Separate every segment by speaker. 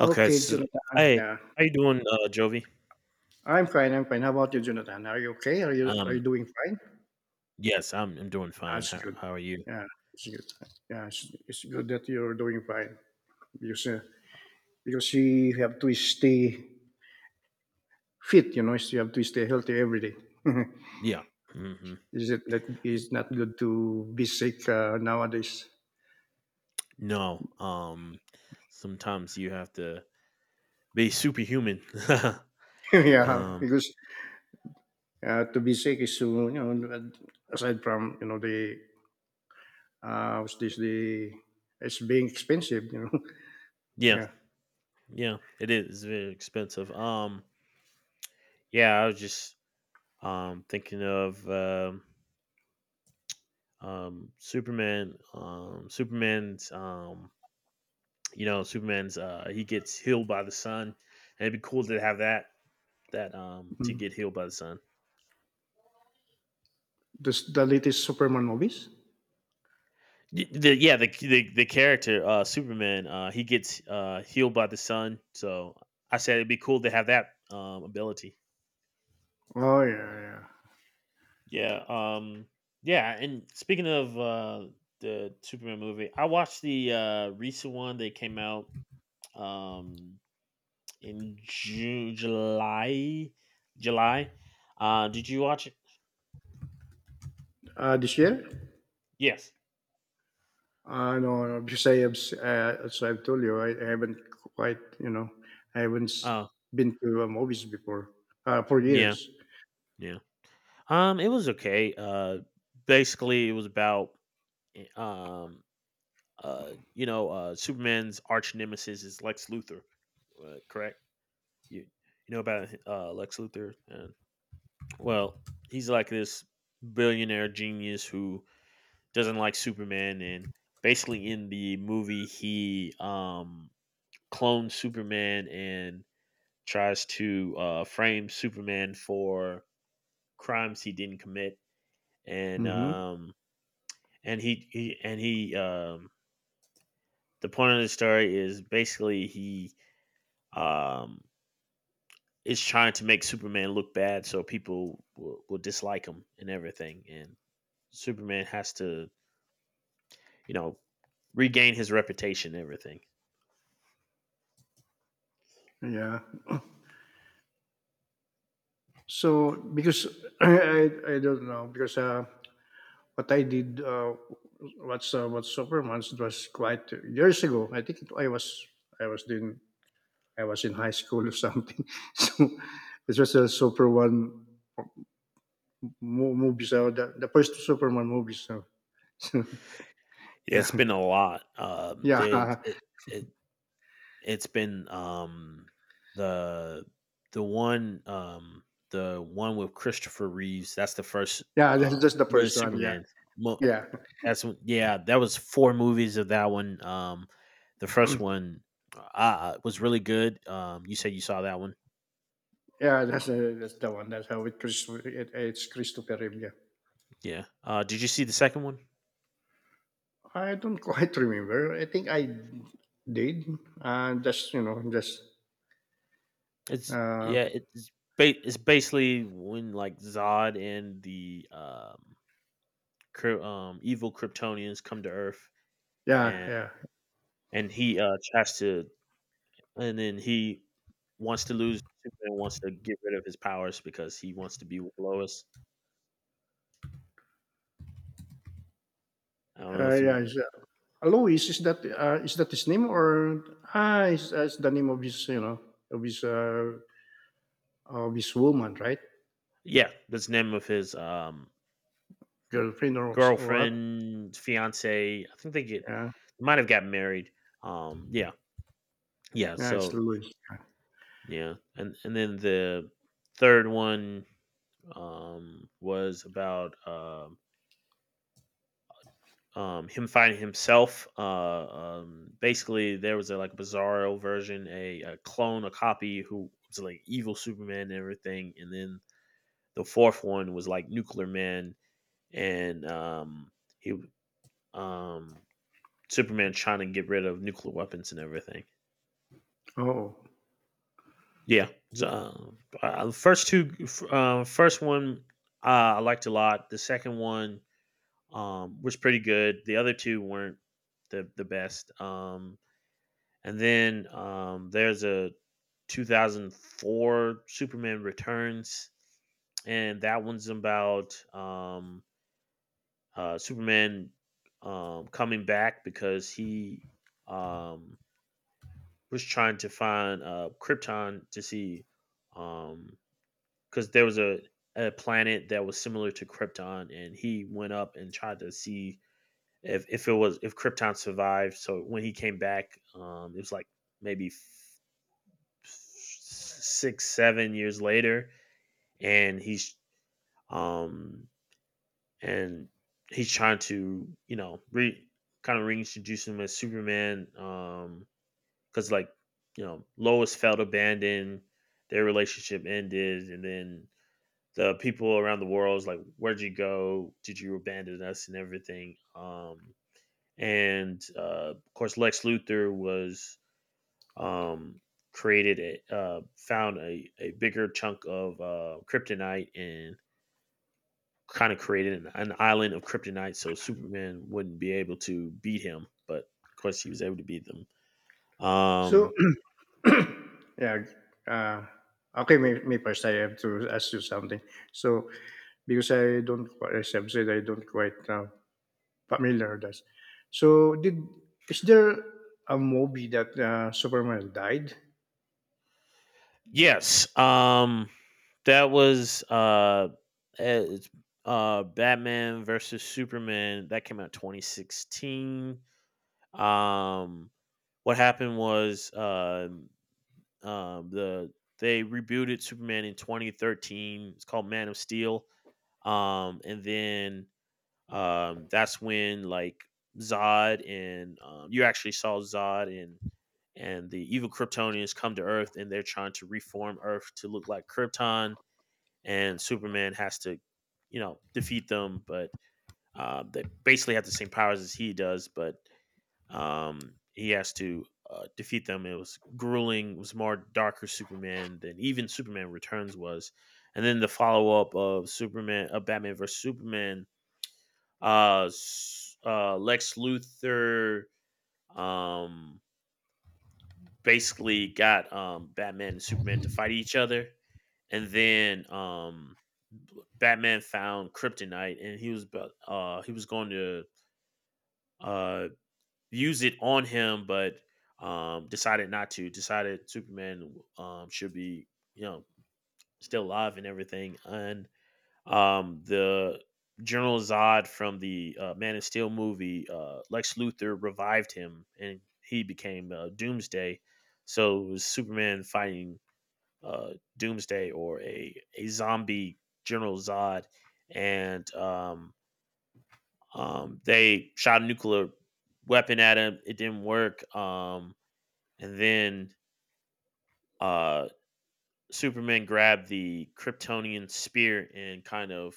Speaker 1: Okay, so
Speaker 2: Jonathan.
Speaker 1: hey,
Speaker 2: Yeah,
Speaker 1: how you doing, Jovi?
Speaker 2: I'm fine. I'm fine. How about you, Jonathan? Are you okay? Are you
Speaker 1: Um,
Speaker 2: doing fine?
Speaker 1: yes, I'm doing fine.
Speaker 2: That's
Speaker 1: How
Speaker 2: good.
Speaker 1: how are you?
Speaker 2: Yeah, it's good. Yeah, it's good that you're doing fine because uh, because you have to stay fit. You know, you have to stay healthy every day.
Speaker 1: Yeah. Hmm.
Speaker 2: Is it that it's not good to be sick nowadays?
Speaker 1: No. Sometimes you have to be superhuman.
Speaker 2: Yeah,
Speaker 1: um,
Speaker 2: Because to be sick is to aside from the what's this the it's being expensive. You know,
Speaker 1: yeah,
Speaker 2: yeah.
Speaker 1: yeah, it is very expensive. Yeah, I was just thinking of Superman. Superman's you know, Superman's he gets healed by the sun, and it'd be cool to have that to
Speaker 2: Mm.
Speaker 1: get healed by the sun.
Speaker 2: The latest Superman movies?
Speaker 1: Y- The, yeah, the character Superman, he gets healed by the sun. So I said it'd be cool to have that ability.
Speaker 2: Oh, yeah.
Speaker 1: Yeah, um, yeah. And speaking of the Superman movie, I watched the recent one that came out um, in June, July. Did you watch it?
Speaker 2: This year?
Speaker 1: Yes.
Speaker 2: No, no, because I have, as I've told you, I haven't quite, you know, I haven't s-
Speaker 1: Oh,
Speaker 2: been to movies before for
Speaker 1: yeah,
Speaker 2: years.
Speaker 1: yeah. It was okay. Basically, it was about eh, um you know, Superman's arch nemesis is Lex Luthor, correct? You know about Lex Luthor? And, well, he's like this billionaire genius who doesn't like Superman, and basically in the movie he clones Superman and tries to frame Superman for crimes he didn't commit, and
Speaker 2: Hmm.
Speaker 1: um, and he and he the point of the story is basically he um, is trying to make Superman look bad so people will dislike him and everything. And Superman has to, you know, regain his reputation and everything.
Speaker 2: Yeah. So because I, I don't know because what I did what's what Superman's it was quite years ago. I was doing I was in high school or something. So it was a Super One movies. So the first Superman movies. So,
Speaker 1: Yeah,
Speaker 2: yeah,
Speaker 1: it's been a lot.
Speaker 2: yeah,
Speaker 1: There's it, it it's been the the one um the one with Christopher Reeves. That's the first
Speaker 2: yeah. That's the
Speaker 1: but
Speaker 2: first
Speaker 1: it's
Speaker 2: one. Yeah,
Speaker 1: Superman. Mo-
Speaker 2: yeah,
Speaker 1: That's yeah, that was 4 movies of that one. The first one, was really good. You said you saw that one.
Speaker 2: yeah. That's the one. That's how it, Chris, it it's Christopher Reeve. Yeah.
Speaker 1: Yeah. Did you see the second one?
Speaker 2: I don't quite remember. I think I did. Just you know, just
Speaker 1: It's
Speaker 2: uh,
Speaker 1: yeah, it's ba- it's basically when like Zod and the evil Kryptonians come to Earth
Speaker 2: yeah,
Speaker 1: and
Speaker 2: yeah,
Speaker 1: and he tries to and then he wants to lose. Superman wants to get rid of his powers because he wants to be with Lois. I don't know if
Speaker 2: yeah.
Speaker 1: you—
Speaker 2: Louis, is that his name, or is that's the name of his, you know, of his uh, of his woman, right?
Speaker 1: Yeah, that's the name of his
Speaker 2: Girlfriend or, s- or what?
Speaker 1: Girlfriend, fiance, I think they get—
Speaker 2: Yeah,
Speaker 1: might have gotten married. Um, yeah, yeah.
Speaker 2: yeah. It's
Speaker 1: So
Speaker 2: Louis.
Speaker 1: yeah, and then the third one was about him finding himself. Basically, there was a like bizarro version, a clone, a copy who was like evil Superman and everything, and then the fourth one was like Nuclear Man, and he um Superman trying to get rid of nuclear weapons and everything.
Speaker 2: Oh,
Speaker 1: Yeah, so, first two, first one I liked a lot. The second one was pretty good. The other two weren't the best. And then there's a 2004 Superman Returns, and that one's about Superman coming back because he um, was trying to find Krypton to see, um, because there was a planet that was similar to Krypton, and he went up and tried to see if it was if Krypton survived. So when he came back, it was like maybe 6, 7 years later, and um and he's trying to, you know, re kind of reintroduce him as Superman because like, you know, Lois felt abandoned, their relationship ended, and then the people around the world is like, "Where'd you go? Did you abandon us?" and everything. And of course, Lex Luthor was um, created a found a bigger chunk of kryptonite and kind of created an island of kryptonite so Superman wouldn't be able to beat him. But of course, he was able to beat them.
Speaker 2: so
Speaker 1: Um,
Speaker 2: yeah. Uh, okay, may first I have to ask you something. So because I don't, as I've said, I don't quite familiar with that. So did is there a movie that Superman died?
Speaker 1: Yes. That was it's Batman versus Superman that came out 2016. Um what happened was the they rebooted Superman in 2013. It's called Man of Steel. And then that's when like Zod and you actually saw Zod and the evil Kryptonians come to Earth and they're trying to reform Earth to look like Krypton, and Superman has to, you know, defeat them. But they basically have the same powers as he does, but he has to defeat them. It was grueling. It was more darker Superman than even Superman Returns was, and then the follow up of Superman, of Batman versus Superman, uh, Lex Luthor. Um, Basically got Batman and Superman to fight each other, and then Batman found kryptonite and he was going to uh use it on him, but decided not to. Decided Superman should be, you know, still alive and everything, and the General Zod from the Man of Steel movie, Lex Luthor revived him, and he became Doomsday. So it was Superman fighting Doomsday or a zombie General Zod, and they shot a nuclear weapon at him. It didn't work. And then uh, Superman grabbed the Kryptonian spear and kind of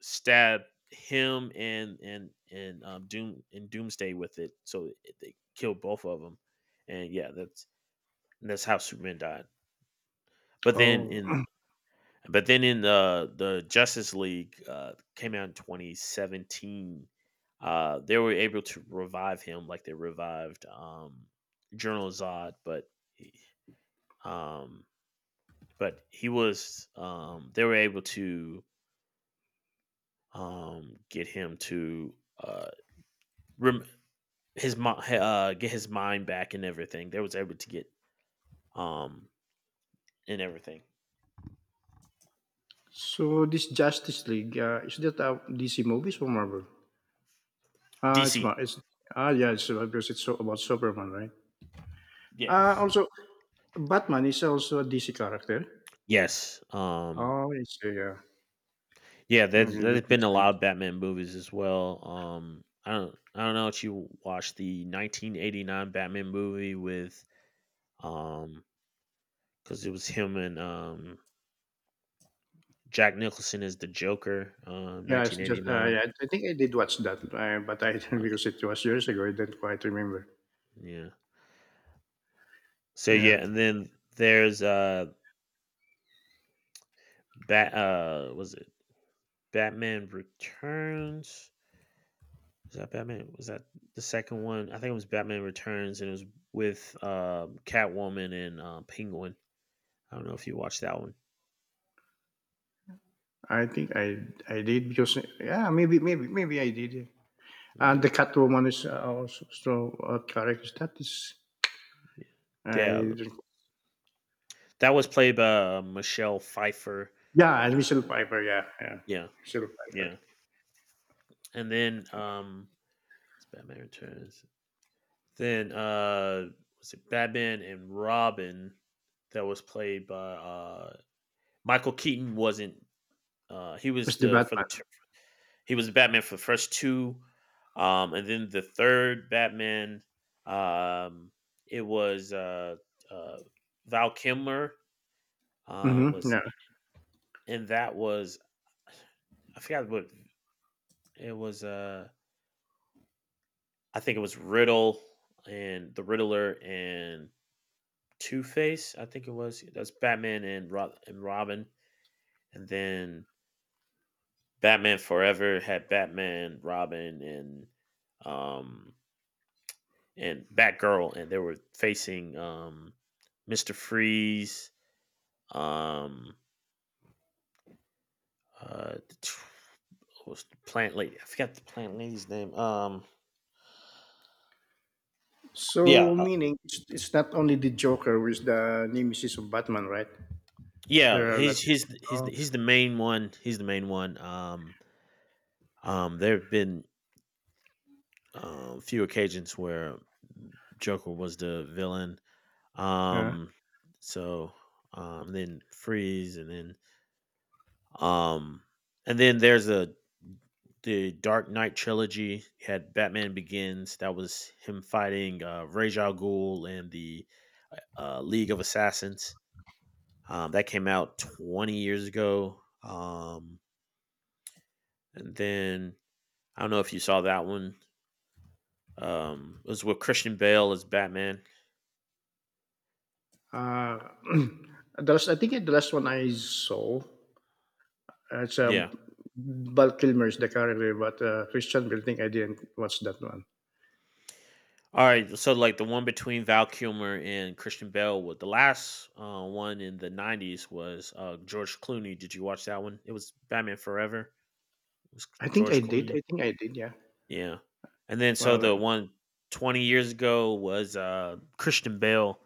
Speaker 1: stab him and Doomsday with it, so they killed both of them. And yeah, that's how Superman died. But then
Speaker 2: Oh,
Speaker 1: in but then in the Justice League came out in 2017. They were able to revive him like they revived General Zod, but he- um, but he was they were able to get him to uh, rem- get his mind back and everything. They was able to get um and everything.
Speaker 2: so this Justice League, is that a DC movies or Marvel? Ah, it's
Speaker 1: DC.
Speaker 2: Mar- it's ah yeah, it's because it's so about Superman, right? Ah,
Speaker 1: Yes.
Speaker 2: also Batman is also a DC character.
Speaker 1: Yes.
Speaker 2: Oh, it's yeah.
Speaker 1: Yeah,
Speaker 2: Okay, that
Speaker 1: there's
Speaker 2: makes
Speaker 1: been a
Speaker 2: sense.
Speaker 1: lot of Batman movies as well. I don't know if you watched the 1989 Batman movie with um cuz it was him and Jack Nicholson as the Joker,
Speaker 2: Yeah, it's just
Speaker 1: 1989.
Speaker 2: yeah, I think I did watch that, but I because
Speaker 1: Okay.
Speaker 2: it was years ago, I did not quite remember.
Speaker 1: Yeah. So
Speaker 2: Yeah,
Speaker 1: yeah, and then there's Bat was it Batman Returns. Was that Batman? Was that the second one? I think it was Batman Returns, and it was with Catwoman and Penguin. I don't know if you watched that one.
Speaker 2: I think I did because yeah, maybe I did. Yeah. And the
Speaker 1: Yeah,
Speaker 2: Catwoman is also so character. That is,
Speaker 1: yeah, yeah.
Speaker 2: I don't,
Speaker 1: That was played by Michelle Pfeiffer.
Speaker 2: yeah, and Michelle Piper. Yeah, yeah,
Speaker 1: Yeah,
Speaker 2: Michelle Piper
Speaker 1: yeah. And then it's Batman Returns. Then was it Batman and Robin? That was played by Michael Keaton. Wasn't he was
Speaker 2: was the
Speaker 1: the for the—
Speaker 2: Batman.
Speaker 1: He was Batman for the first two, and then the third Batman, um, it was uh, Val Kilmer
Speaker 2: Mm-hmm,
Speaker 1: was,
Speaker 2: yeah.
Speaker 1: and that was— I forgot what it was. I think it was Riddle and the Riddler and Two Face. I think it was that's Batman and Robin, and then Batman Forever had Batman, Robin, um, and Batgirl, and they were facing Mister Freeze. Um, uh, what was the plant lady? I forgot the plant lady's name. Yeah,
Speaker 2: So meaning it's not only the Joker who is the nemesis of Batman, right? There
Speaker 1: yeah.
Speaker 2: are a lot.
Speaker 1: He's he's he's
Speaker 2: Oh,
Speaker 1: the, he's the main one. He's the main one. There have been few occasions where Joker was the villain.
Speaker 2: yeah.
Speaker 1: Um, so then Freeze, and then um, and then there's a the Dark Knight trilogy. You had Batman Begins. That was him fighting Ra's al Ghul and the League of Assassins. That came out 20 years ago. And then I don't know if you saw that one. It was with Christian Bale as Batman.
Speaker 2: Uh, the last, I think the last one I saw, it's a
Speaker 1: Yeah.
Speaker 2: Val Kilmer's The Carrier, but Christian Bale, I think I didn't watch that one.
Speaker 1: All right. So like the one between Val Kilmer and Christian Bale. Was, the last one in the 90s was George Clooney. Did you watch that one? It was Batman Forever. It was
Speaker 2: I think
Speaker 1: George
Speaker 2: I did.
Speaker 1: Clooney.
Speaker 2: I think I did. Yeah.
Speaker 1: Yeah. And then so
Speaker 2: Well,
Speaker 1: the one 20 years ago was Christian Bale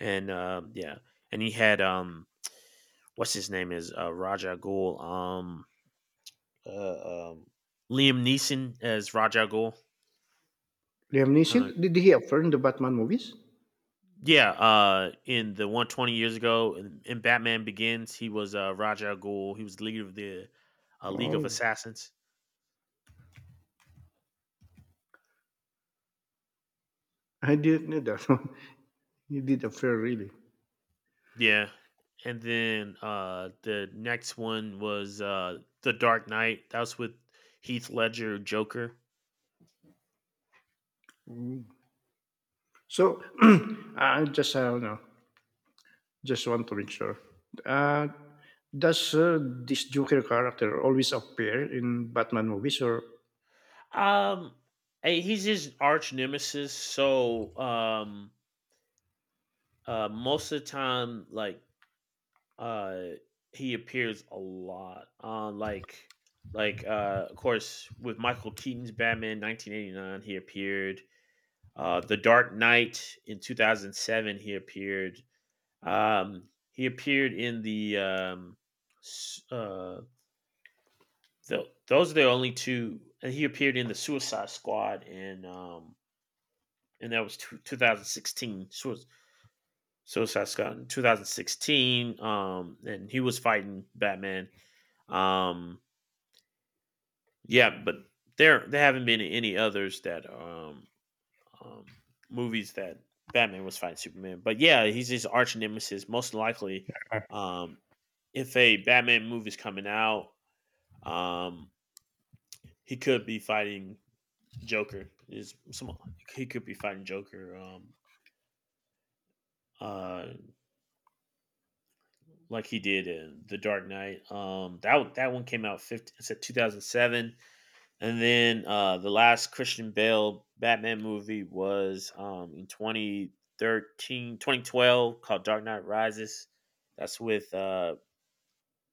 Speaker 1: and yeah. And he had what's his name is Raja Ghul. Uh um Liam Neeson as Raja Ghul.
Speaker 2: Liam
Speaker 1: I don't
Speaker 2: Neeson.
Speaker 1: know.
Speaker 2: Did he appear in the Batman movies?
Speaker 1: Yeah, in the one 20 years ago in Batman Begins, he was Raja Ghul. He was the leader of the League of
Speaker 2: Oh,
Speaker 1: Assassins.
Speaker 2: I didn't know that one. He did appear really.
Speaker 1: Yeah. And then the next one was The Dark Knight. That was with Heath Ledger Joker.
Speaker 2: So I just I don't know. Just want to make sure. Uh, does this Joker character always appear in Batman movies, or?
Speaker 1: Um he's his arch nemesis, so most of the time uh he appears a lot. Of course with Michael Keaton's Batman 1989 he appeared. The Dark Knight in 2007 he appeared. Um, he appeared in the s- uh, those are the only two, and he appeared in the Suicide Squad, and that was 2016 Suicide Squad in 2016. And he was fighting Batman. Um, yeah, but there haven't been any others that um movies that Batman was fighting Superman. But yeah, he's his arch nemesis, most likely. Um, if a Batman movie is coming out, Um, he could be fighting Joker. Is some he could be fighting Joker. Uh, like he did in The Dark Knight. That one came out 15, It's said 2007, and then the last Christian Bale Batman movie was in 2012, called Dark Knight Rises. That's with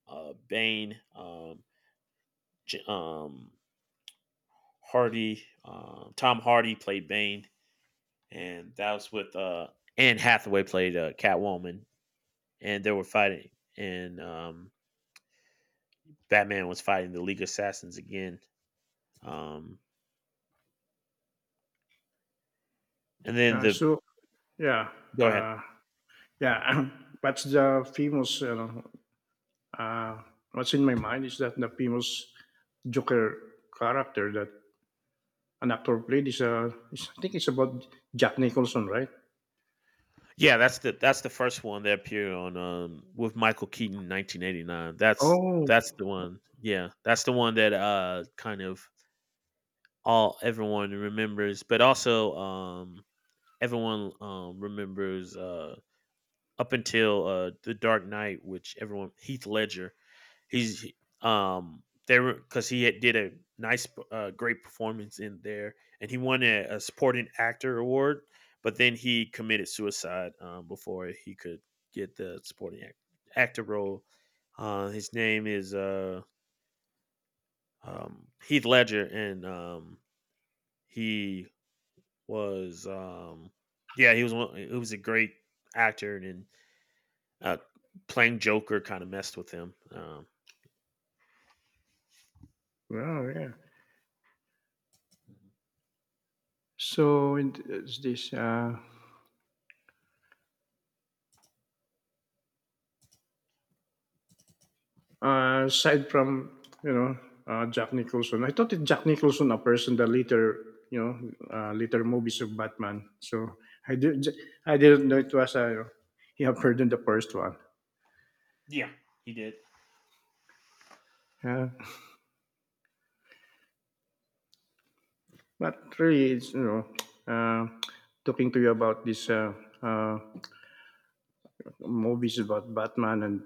Speaker 1: Bane, J- um Tom Hardy played Bane, and that was with Anne Hathaway, played Catwoman, and they were fighting, and Batman was fighting the League of Assassins again. Um, and then
Speaker 2: Uh,
Speaker 1: the
Speaker 2: so yeah.
Speaker 1: Go ahead.
Speaker 2: Uh, Yeah, what's the famous, you know, uh, what's in my mind is that the famous Joker character that an actor played is I think it's about Jack Nicholson, right?
Speaker 1: Yeah, that's the first one that appeared on with Michael Keaton, 1989. That's
Speaker 2: Oh,
Speaker 1: that's the one, yeah, that's the one that kind of all everyone remembers, but also everyone remembers up until the Dark Knight, which everyone Heath Ledger. He's, um they were, because he had did a nice, great performance in there, and he won a supporting actor award. But then he committed suicide, before he could get the supporting actor role. His name is Heath Ledger, and he was, yeah, he was one, he was a great actor, and then, uh, playing Joker kind of messed with him.
Speaker 2: yeah, yeah. So it- it's this. Aside from Jack Nicholson, I thought it Jack Nicholson a person that later, you know, later movies of Batman. So I did I didn't know it was a he appeared in the first one.
Speaker 1: Yeah, he did.
Speaker 2: Yeah. But really, it's you know, uh, talking to you about this uh, movies about Batman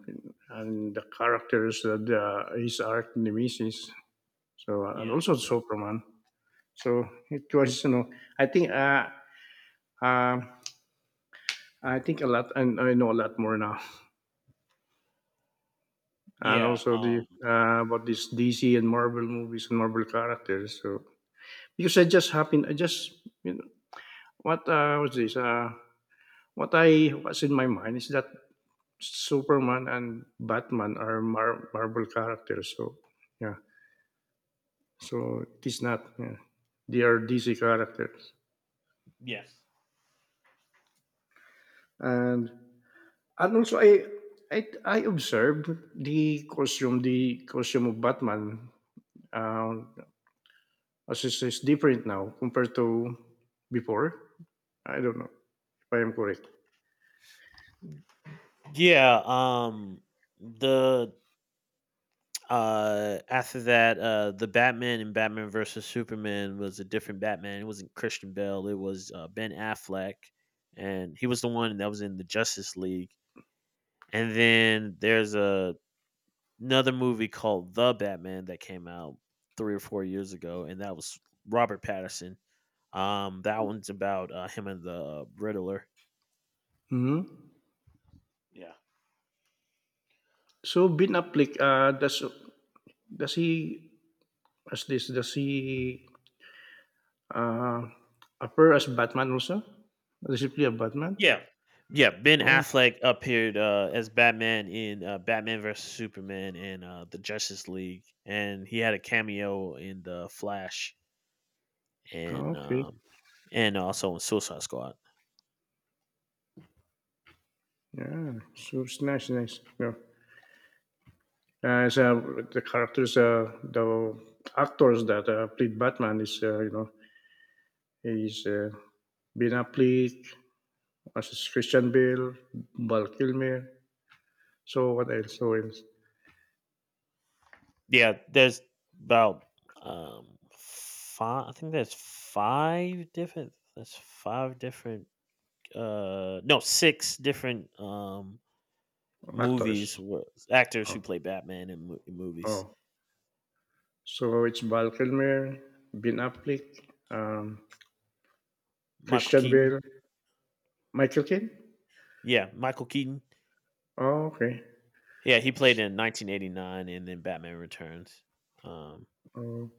Speaker 2: and the characters that his arch nemesis. So and
Speaker 1: Yeah,
Speaker 2: also Superman. So it was, you know, I think uh, uh, I think a lot and I know a lot more now. And
Speaker 1: yeah.
Speaker 2: also the about this DC and Marvel movies and Marvel characters. So because I just happened, I just you know, what was this? What I was in my mind is that Superman and Batman are Marvel characters. So yeah, so it is not. Yeah. They are DC characters,
Speaker 1: Yeah.
Speaker 2: and also I observed the costume of Batman uh, as it is different now compared to before. I don't know if I am correct.
Speaker 1: Yeah, the after that the Batman and Batman versus Superman was a different Batman. It wasn't Christian Bale, it was Ben Affleck, and he was the one that was in the Justice League. And then there's a another movie called The Batman that came out 3 or 4 years ago, and that was Robert Pattinson. That one's about him and the Riddler.
Speaker 2: Hmm.
Speaker 1: Yeah.
Speaker 2: So Ben Affleck, does he as this does he Uh, appear as Batman also? Does he play a Batman?
Speaker 1: Yeah. Yeah, Ben
Speaker 2: Oh,
Speaker 1: Affleck appeared as Batman in Batman versus Superman and the Justice League, and he had a cameo in the Flash, and
Speaker 2: okay.
Speaker 1: um, and also in Suicide Squad.
Speaker 2: Yeah, so it's nice, nice. Yeah. So the characters, the actors that played Batman is, you know, is Ben Affleck, as is Christian Bale, Val Kilmer. So what else? So else?
Speaker 1: Yeah, there's about five. I think there's five different. There's five different. No, six different movies
Speaker 2: Actors.
Speaker 1: where actors
Speaker 2: Oh,
Speaker 1: who play Batman in, in movies.
Speaker 2: oh. So it's Val Kilmer, Ben Affleck, um,
Speaker 1: Michael
Speaker 2: Christian
Speaker 1: Keaton.
Speaker 2: Bale, Michael Caine.
Speaker 1: Yeah, Michael Keaton.
Speaker 2: Oh, okay.
Speaker 1: Yeah, he played
Speaker 2: S-
Speaker 1: in 1989 and then Batman Returns. Um,
Speaker 2: Oh,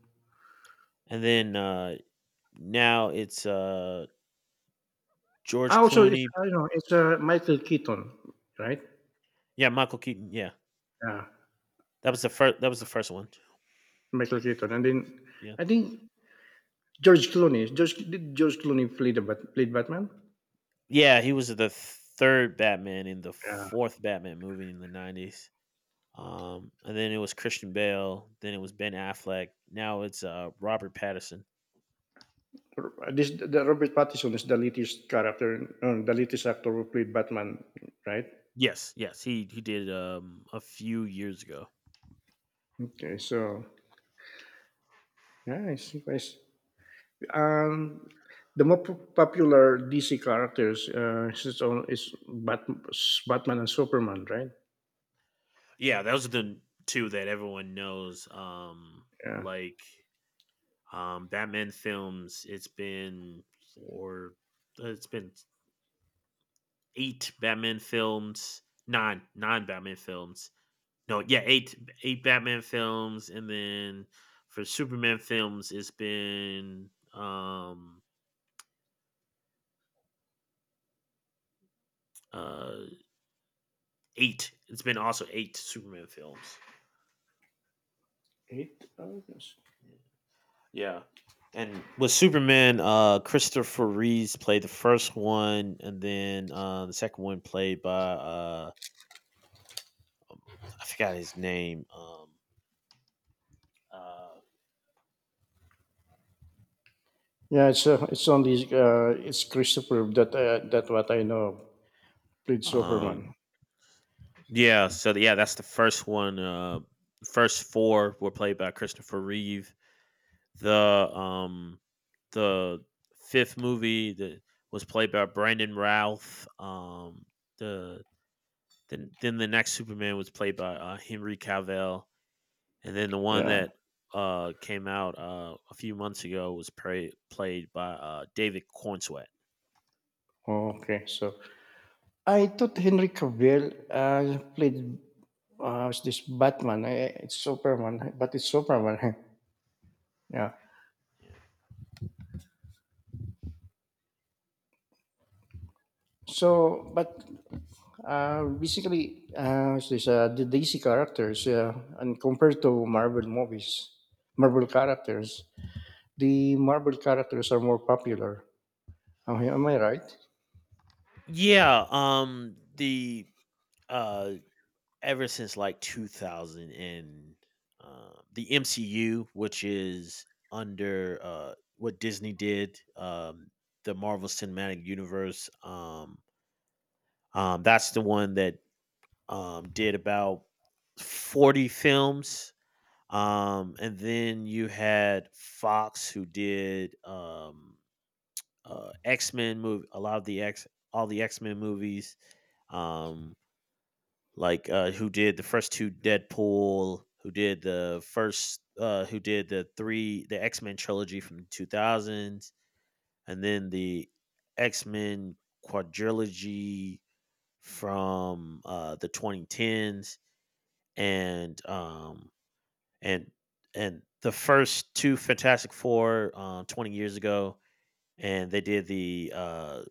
Speaker 1: and then Now it's
Speaker 2: ah,
Speaker 1: George
Speaker 2: also it's,
Speaker 1: Clooney.
Speaker 2: you know, it's, Michael Keaton, right?
Speaker 1: Yeah, Michael Keaton. Yeah,
Speaker 2: Yeah,
Speaker 1: that was the first. That was the first one.
Speaker 2: Michael Keaton, and then
Speaker 1: Yeah,
Speaker 2: I think George Clooney. George Clooney play the Bat played Batman?
Speaker 1: yeah, he was the third Batman in the
Speaker 2: Yeah.
Speaker 1: fourth Batman movie in the 90s. And then it was Christian Bale. Then it was Ben Affleck. Now it's Robert Pattinson.
Speaker 2: This the Robert Pattinson is the latest character, the latest actor who played Batman, right?
Speaker 1: Yes, yes, he did, a few years ago.
Speaker 2: Okay, so yeah, it's nice. Um, the more popular DC characters is its own is Batman and Superman, right?
Speaker 1: Yeah, those are the two that everyone knows.
Speaker 2: Yeah.
Speaker 1: Like, Batman films. It's been four. It's been eight Batman films. Nine, nine Batman films. No, yeah, eight, eight Batman films, and then for Superman films, it's been uh eight. It's been also eight Superman films.
Speaker 2: Eight. Oh, yes.
Speaker 1: Yeah. And with Superman, Christopher Reeves played the first one, and then the second one played by I forgot his name. Uh,
Speaker 2: Yeah, it's only it's Christopher that that what I know of, played
Speaker 1: Um,
Speaker 2: Superman.
Speaker 1: yeah, so yeah, that's the first one. First four were played by Christopher Reeve. The um, the fifth movie that was played by Brandon Routh. The then the next Superman was played by Henry Cavill, and then the one
Speaker 2: Yeah.
Speaker 1: that came out a few months ago was played by David Cornsweet.
Speaker 2: Okay. So I thought Henry Cavill played was this Batman. I, it's Superman, but it's Superman. Yeah. So, but basically, what's this the DC characters, and compared to Marvel movies, Marvel characters, the Marvel characters are more popular. Am I right?
Speaker 1: Yeah, the uh ever since like 2000 and, the MCU, which is under what Disney did, the Marvel Cinematic Universe. That's the one that did about 40 films. And then you had Fox, who did X Men movie, a lot of the all the X Men movies. Um, like who did the first two Deadpool, who did the first, who did the three, the X Men trilogy from two thousands, and then the X Men quadrilogy from the 2010s, and and and the first two Fantastic Four, 20 years ago, and they did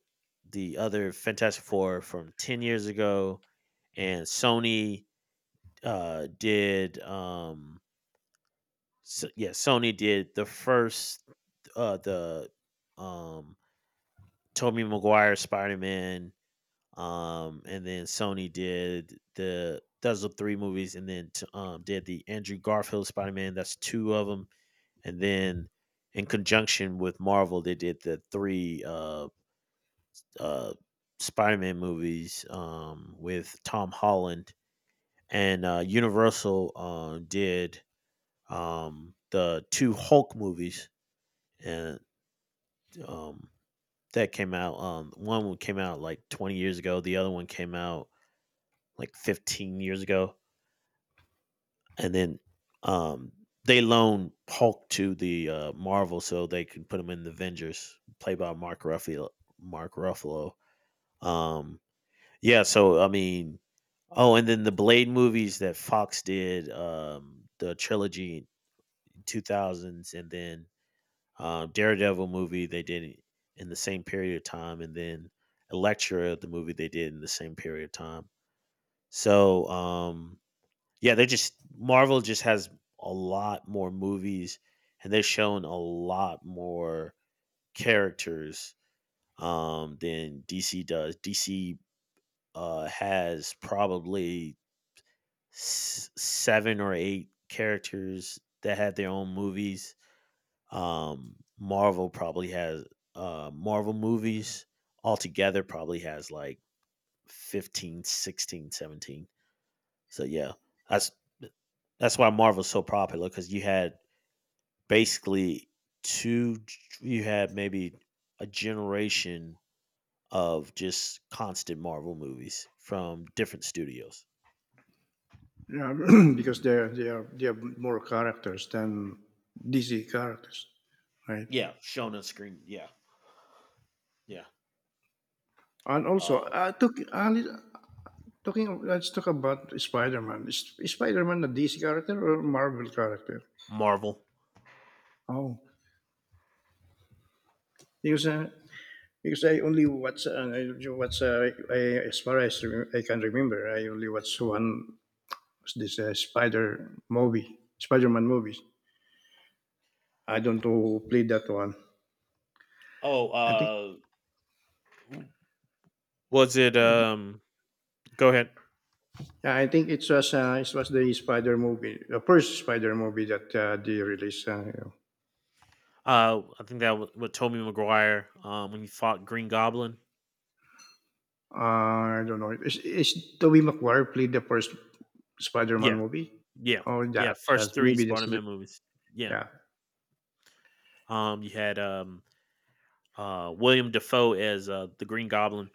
Speaker 1: the other Fantastic Four from 10 years ago, and Sony did yeah, Sony did the first the um Tobey Maguire Spider-Man, and then Sony did, the those are three movies, and then did the Andrew Garfield Spider-Man, that's two of them, and then in conjunction with Marvel they did the three uh Spider-Man movies, with Tom Holland. And Universal did, the two Hulk movies, and um, that came out. One came out like 20 years ago. The other one came out like 15 years ago. And then um, they loaned Hulk to the Marvel so they can put him in the Avengers, played by Mark Ruffalo. Mark Ruffalo. Um, yeah. So I mean, oh, and then the Blade movies that Fox did, the trilogy in 2000s, and then Daredevil movie they did in the same period of time, and then Elektra, the movie they did in the same period of time. So, yeah, they just Marvel just has a lot more movies, and they've shown a lot more characters, than DC does. DC has probably seven or eight characters that had their own movies. Marvel probably has Marvel movies altogether, probably has like 15, 16, 17. So yeah, that's that's why Marvel's so popular, because you had basically two, you had maybe a generation of just constant Marvel movies from different studios.
Speaker 2: Yeah, because they are they have more characters than DC characters, right?
Speaker 1: Yeah, shown on screen. Yeah, yeah.
Speaker 2: And
Speaker 1: Uh,
Speaker 2: also, talking of, let's talk about Spider-Man. Is Spider-Man a DC character or Marvel character?
Speaker 1: Marvel.
Speaker 2: Oh, because uh, because I only watch as far as I can remember, I only watch one was this Spider-Man movies. I don't know who played that one.
Speaker 1: Oh,
Speaker 2: I think
Speaker 1: uh, Was it?
Speaker 2: I,
Speaker 1: Go ahead.
Speaker 2: Yeah, I think it was the first Spider movie that they released. You know.
Speaker 1: I think that was with Tobey Maguire, when he fought Green Goblin.
Speaker 2: I don't know. Is Tobey Maguire played the first Spider-Man
Speaker 1: Yeah,
Speaker 2: movie?
Speaker 1: yeah,
Speaker 2: Oh,
Speaker 1: yeah. First three
Speaker 2: maybe that's the
Speaker 1: Spider-Man movies. Yeah.
Speaker 2: yeah.
Speaker 1: You had, William Defoe as the Green Goblin.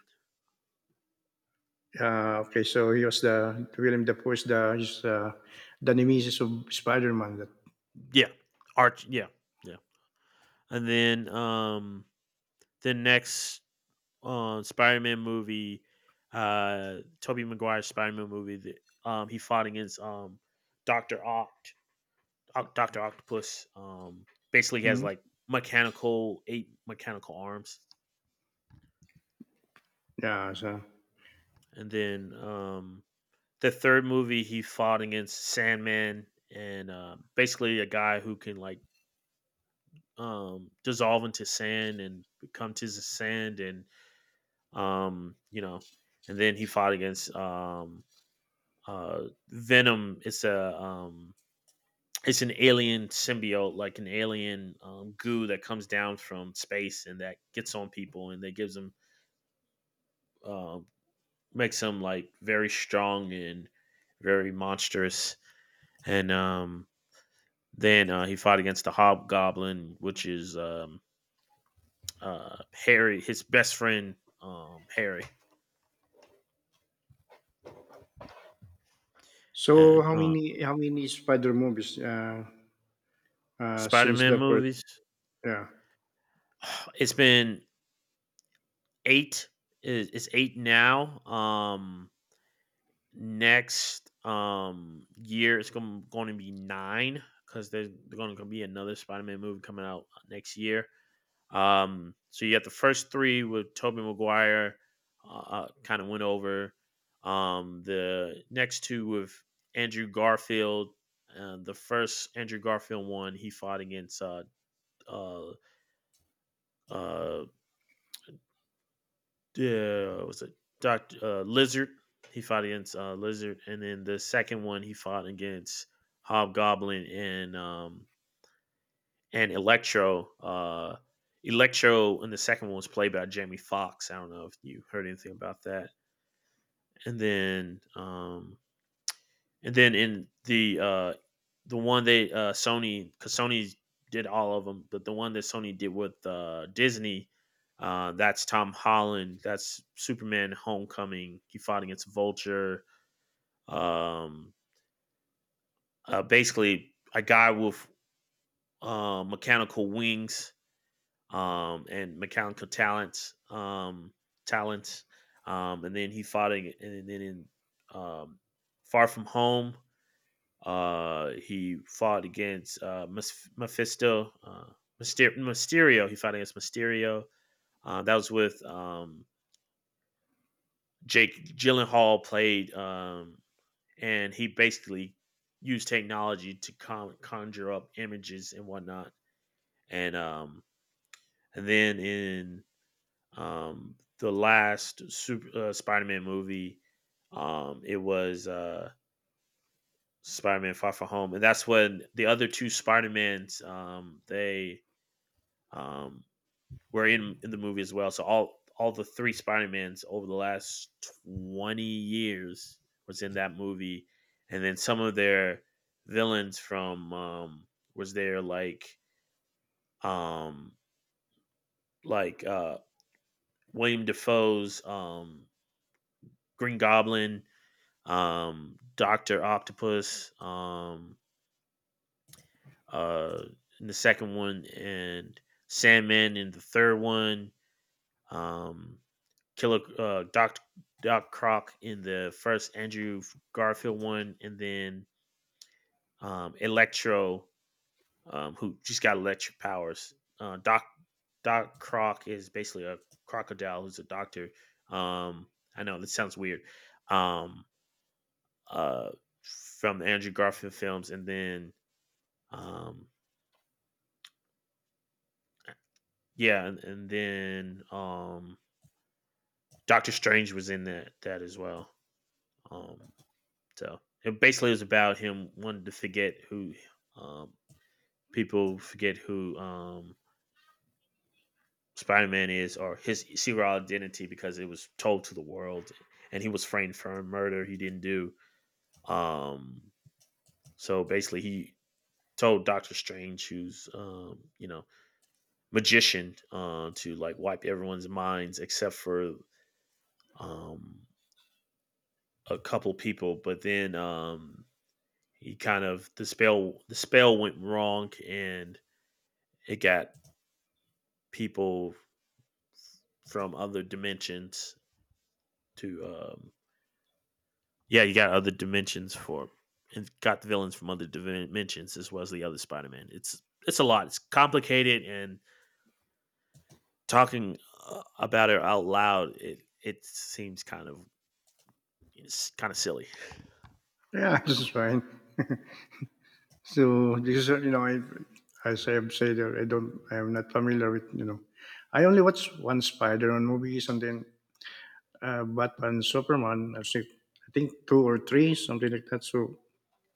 Speaker 2: Okay, so he was the William Dafoe is the he's, the nemesis of Spider-Man. That
Speaker 1: Yeah, Arch. Yeah, yeah. And then, the next Spider-Man movie, Tobey Maguire's Spider-Man movie. That, he fought against Doctor Oct. Dr. Octopus. Basically, he has
Speaker 2: hmm?
Speaker 1: like eight mechanical arms.
Speaker 2: Yeah. So
Speaker 1: And then, the third movie, he fought against Sandman, and basically a guy who can like, dissolve into sand and become to the sand. And, um, you know, and then he fought against Venom. It's a. It's an alien symbiote, like an alien, goo that comes down from space and that gets on people and that gives them, uh, makes him like very strong and very monstrous. And then, he fought against the Hobgoblin, which is, Harry, his best friend, Harry.
Speaker 2: so
Speaker 1: And
Speaker 2: how many Spider movies,
Speaker 1: Spider
Speaker 2: since
Speaker 1: Man
Speaker 2: the first?
Speaker 1: movies.
Speaker 2: Yeah,
Speaker 1: It's been eight. It's eight now. Next year it's going to be nine, because there's going to be another Spider Man movie coming out next year. So you got the first three with Tobey Maguire, kind of went over. The next two with Andrew Garfield. The first Andrew Garfield one, he fought against, uh uh yeah, was it Doctor Lizard? He fought against Lizard, and then the second one he fought against Hobgoblin, and Electro. Electro in the second one was played by Jamie Foxx. I don't know if you heard anything about that. And then, in the one they Sony, because Sony did all of them, but the one that Sony did with Disney, that's Tom Holland. That's Superman: Homecoming. He fought against Vulture. Um, Basically, a guy with mechanical wings, and McCown talents, talents, and then he fought in, and then in, um, Far From Home, he fought against, Mephisto, uh, Mysterio. He fought against Mysterio. That was with, Jake Gyllenhaal played, and he basically used technology to conjure up images and whatnot. And and then in the last super Spider-Man movie, it was Spider-Man Far From Home, and that's when the other two Spider-Mans, they, um, were in the movie as well. So all the three Spider-Mans over the last 20 years was in that movie, and then some of their villains from, was there like, um, like uh, William Defoe's, Green Goblin, Doctor Octopus, uh, in the second one, and Sandman in the third one, um, Killer Doc Croc in the first Andrew Garfield one, and then Electro, who just got electric powers. Uh, Doc Doc Croc is basically a crocodile who's a doctor. Um, I know this sounds weird. Um, uh, from the Andrew Garfield films, and then, Um, yeah, and then Doctor Strange was in that as well. Um, so it basically was about him wanting to, forget who um, people forget who, Spider Man is, or his serial identity, because it was told to the world, and he was framed for a murder he didn't do. Um, so basically, he told Doctor Strange, who's you know, magician, to like wipe everyone's minds except for um, a couple people, but then he kind of the spell went wrong and it got people from other dimensions to yeah, you got other dimensions for and got the villains from other dimensions as well as the other Spider-Man. It's a lot. It's complicated and talking about it out loud it seems kind of silly.
Speaker 2: yeah, this is fine. So this is, you know, I, as I have said, I don't, I am not familiar with, you know, I only
Speaker 1: Yeah.
Speaker 2: watched one Spider-Man movie, something, Batman, Superman, I think two or three, something like that. So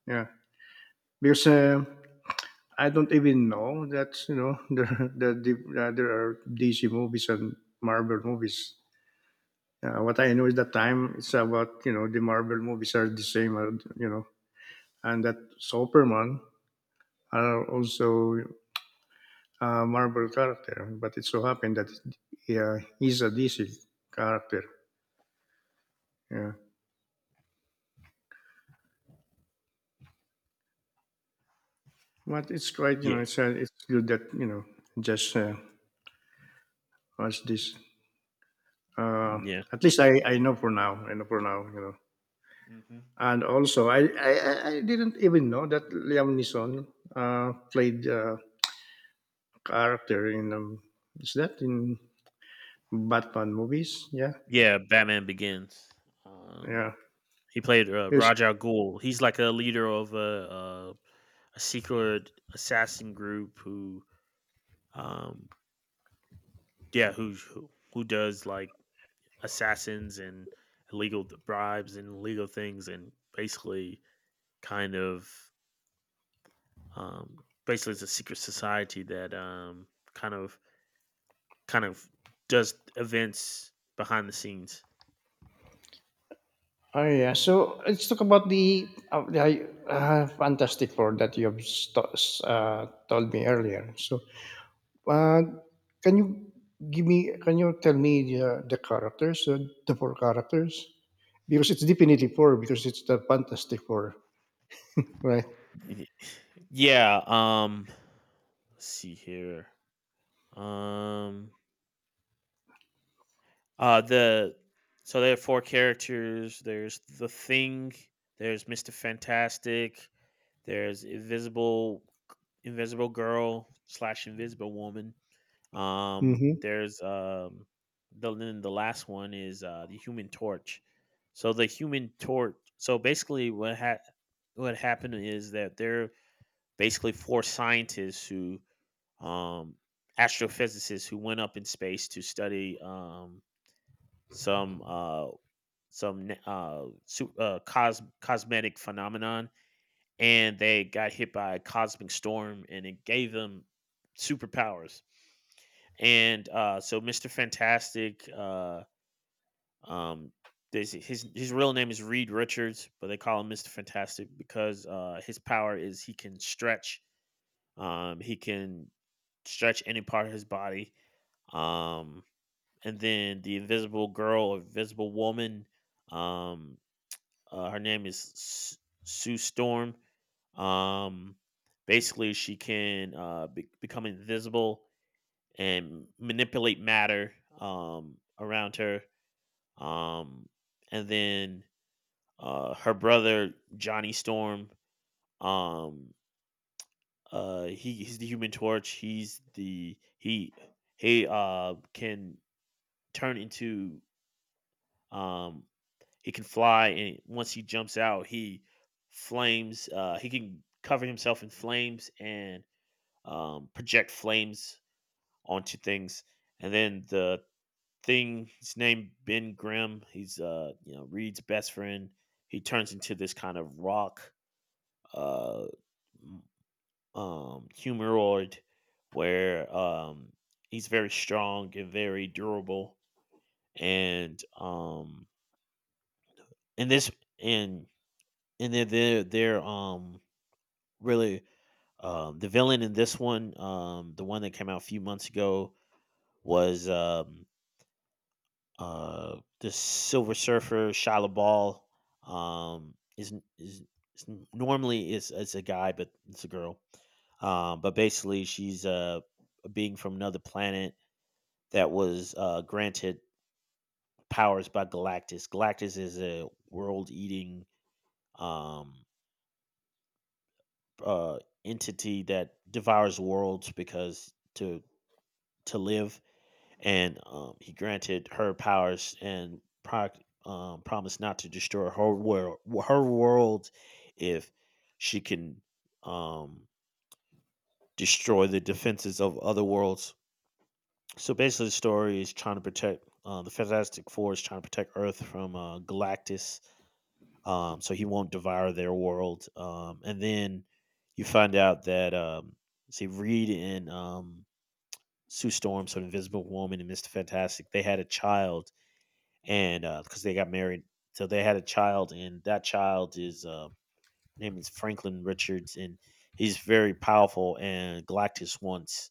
Speaker 2: yeah, because I don't even know that, you know, there are DC movies and Marvel movies. What I know is that time it's about, you know, the Marvel movies are the same, you know, and that Superman are also Marvel character, but it so happened that yeah, he's a DC character. Yeah, but it's quite you know
Speaker 1: Yeah.
Speaker 2: it's good that you know just watch this. Uh,
Speaker 1: Yeah.
Speaker 2: at least I know for now. I know for now. You know,
Speaker 1: Mm-hmm.
Speaker 2: and also I didn't even know that Liam Neeson played a character in is that in Batman movies? Yeah,
Speaker 1: Yeah, Batman Begins. Um
Speaker 2: yeah.
Speaker 1: He played
Speaker 2: Yes.
Speaker 1: Ra's al Ghul. He's like a leader of uh, a secret assassin group who, um, yeah, who does like assassins and illegal bribes and illegal things, and basically kind of, basically it's a secret society that kind of kind of does events behind the scenes.
Speaker 2: Oh yeah, so let's talk about the Fantastic Four that you have told me earlier. So, uh, can you give me? Can you tell me the characters, the four characters? Because it's definitely four because it's the Fantastic Four, right?
Speaker 1: Yeah. Let's see here. Um. The So there are four characters. There's the Thing. There's Mister Fantastic. There's Invisible Girl slash Invisible Woman.
Speaker 2: Mm-hmm.
Speaker 1: There's the then the last one is the Human Torch. So the Human Torch. So basically, what happened is that they're basically four scientists who um astrophysicists who went up in space to study some uh some na- su- cos- cosmetic phenomenon and they got hit by a cosmic storm and it gave them superpowers and so Mr. Fantastic, um his real name is Reed Richards, but they call him Mr. Fantastic because his power is he can stretch, he can stretch any part of his body. um and then the Invisible Girl or Invisible Woman, um her name is Sue Storm. Um, basically, she can become invisible and manipulate matter around her. Um, and then her brother Johnny Storm. Um, he's the Human Torch. He can turn into, um, he can fly, and once he jumps out, he flames. He can cover himself in flames and project flames onto things. And then the Thing, his name Ben Grimm. He's you know, Reed's best friend. He turns into this kind of rock, uh, humoroid where he's very strong and very durable. And um, and this and and they're, really, The villain in this one, the one that came out a few months ago was, the Silver Surfer, Shia Ball. Um, is n is is n normally is, it's a guy, but it's a girl. But basically she's a being from another planet that was, granted powers by Galactus. Galactus is a world-eating, um uh, entity that devours worlds because to live, and he granted her powers and promised not to destroy her world if she can um, destroy the defenses of other worlds. So basically, the story is trying to protect, the Fantastic Four is trying to protect Earth from Galactus, so he won't devour their world. And then you find out that, see, Reed and, Sue Storm, so Invisible Woman and Mister Fantastic, they had a child, and because they got married, so they had a child, and that child is name is Franklin Richards, and he's very powerful. And Galactus wants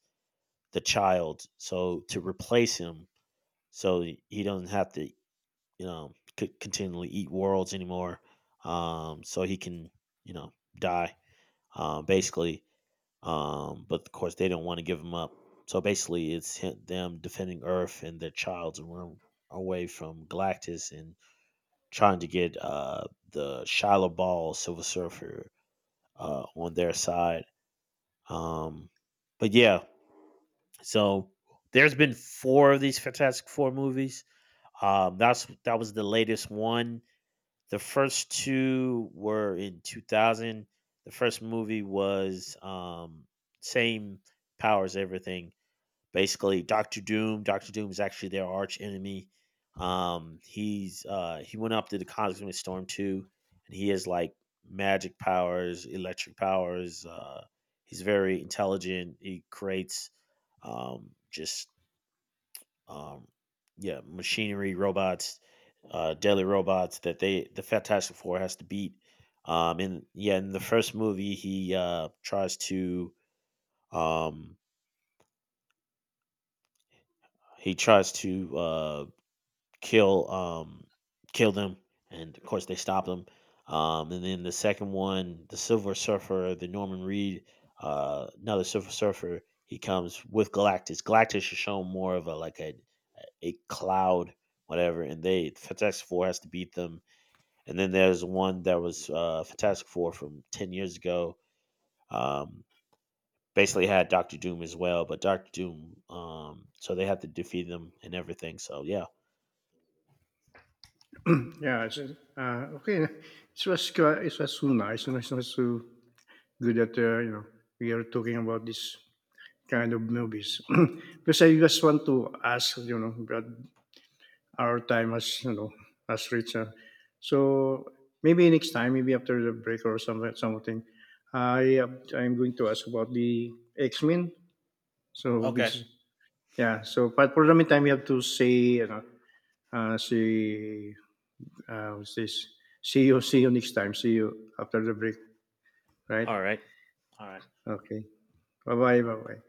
Speaker 1: the child, so to replace him, so he doesn't have to, you know, could continually eat worlds anymore. So he can, you know, die, basically. But of course, they don't want to give him up. So basically, it's him, them defending Earth and their child's room away from Galactus and trying to get, the Shiloh Ball Silver Surfer, on their side. Um, but yeah, so there's been four of these Fantastic Four movies. That was the latest one. The first two were in 2000. The first movie was, same powers, everything. Basically, Doctor Doom. Doctor Doom is actually their arch enemy. He went up to the Cosmic Storm too, and he has like magic powers, electric powers. He's very intelligent. He creates, just um, yeah, machinery, robots, deadly robots that the Fantastic Four has to beat. And yeah, in the first movie, um, he tries to, kill kill them, and of course they stop them. And then the second one, the Silver Surfer, the Norman Reed, another Silver Surfer, he comes with Galactus. Galactus is shown more of a like a cloud, whatever, and they Fantastic Four has to beat them. And then there's one that was, Fantastic Four from 10 years ago, um basically had Dr. Doom as well. But Dr. Doom, so they have to defeat them and everything, so yeah.
Speaker 2: Yeah, it's, okay. It was it was so nice, and it was so good that you know we are talking about this kind of movies because I just want to ask, you know, our time has, you know, has reached. So maybe next time, maybe after the break or some something, I uh, I'm going to ask about the X Men. So
Speaker 1: Okay.
Speaker 2: because yeah, so but for the meantime, we have to say, you know, see what's this? See you next time. See you after the break, right?
Speaker 1: All right. All right.
Speaker 2: Okay. Bye bye. Bye bye.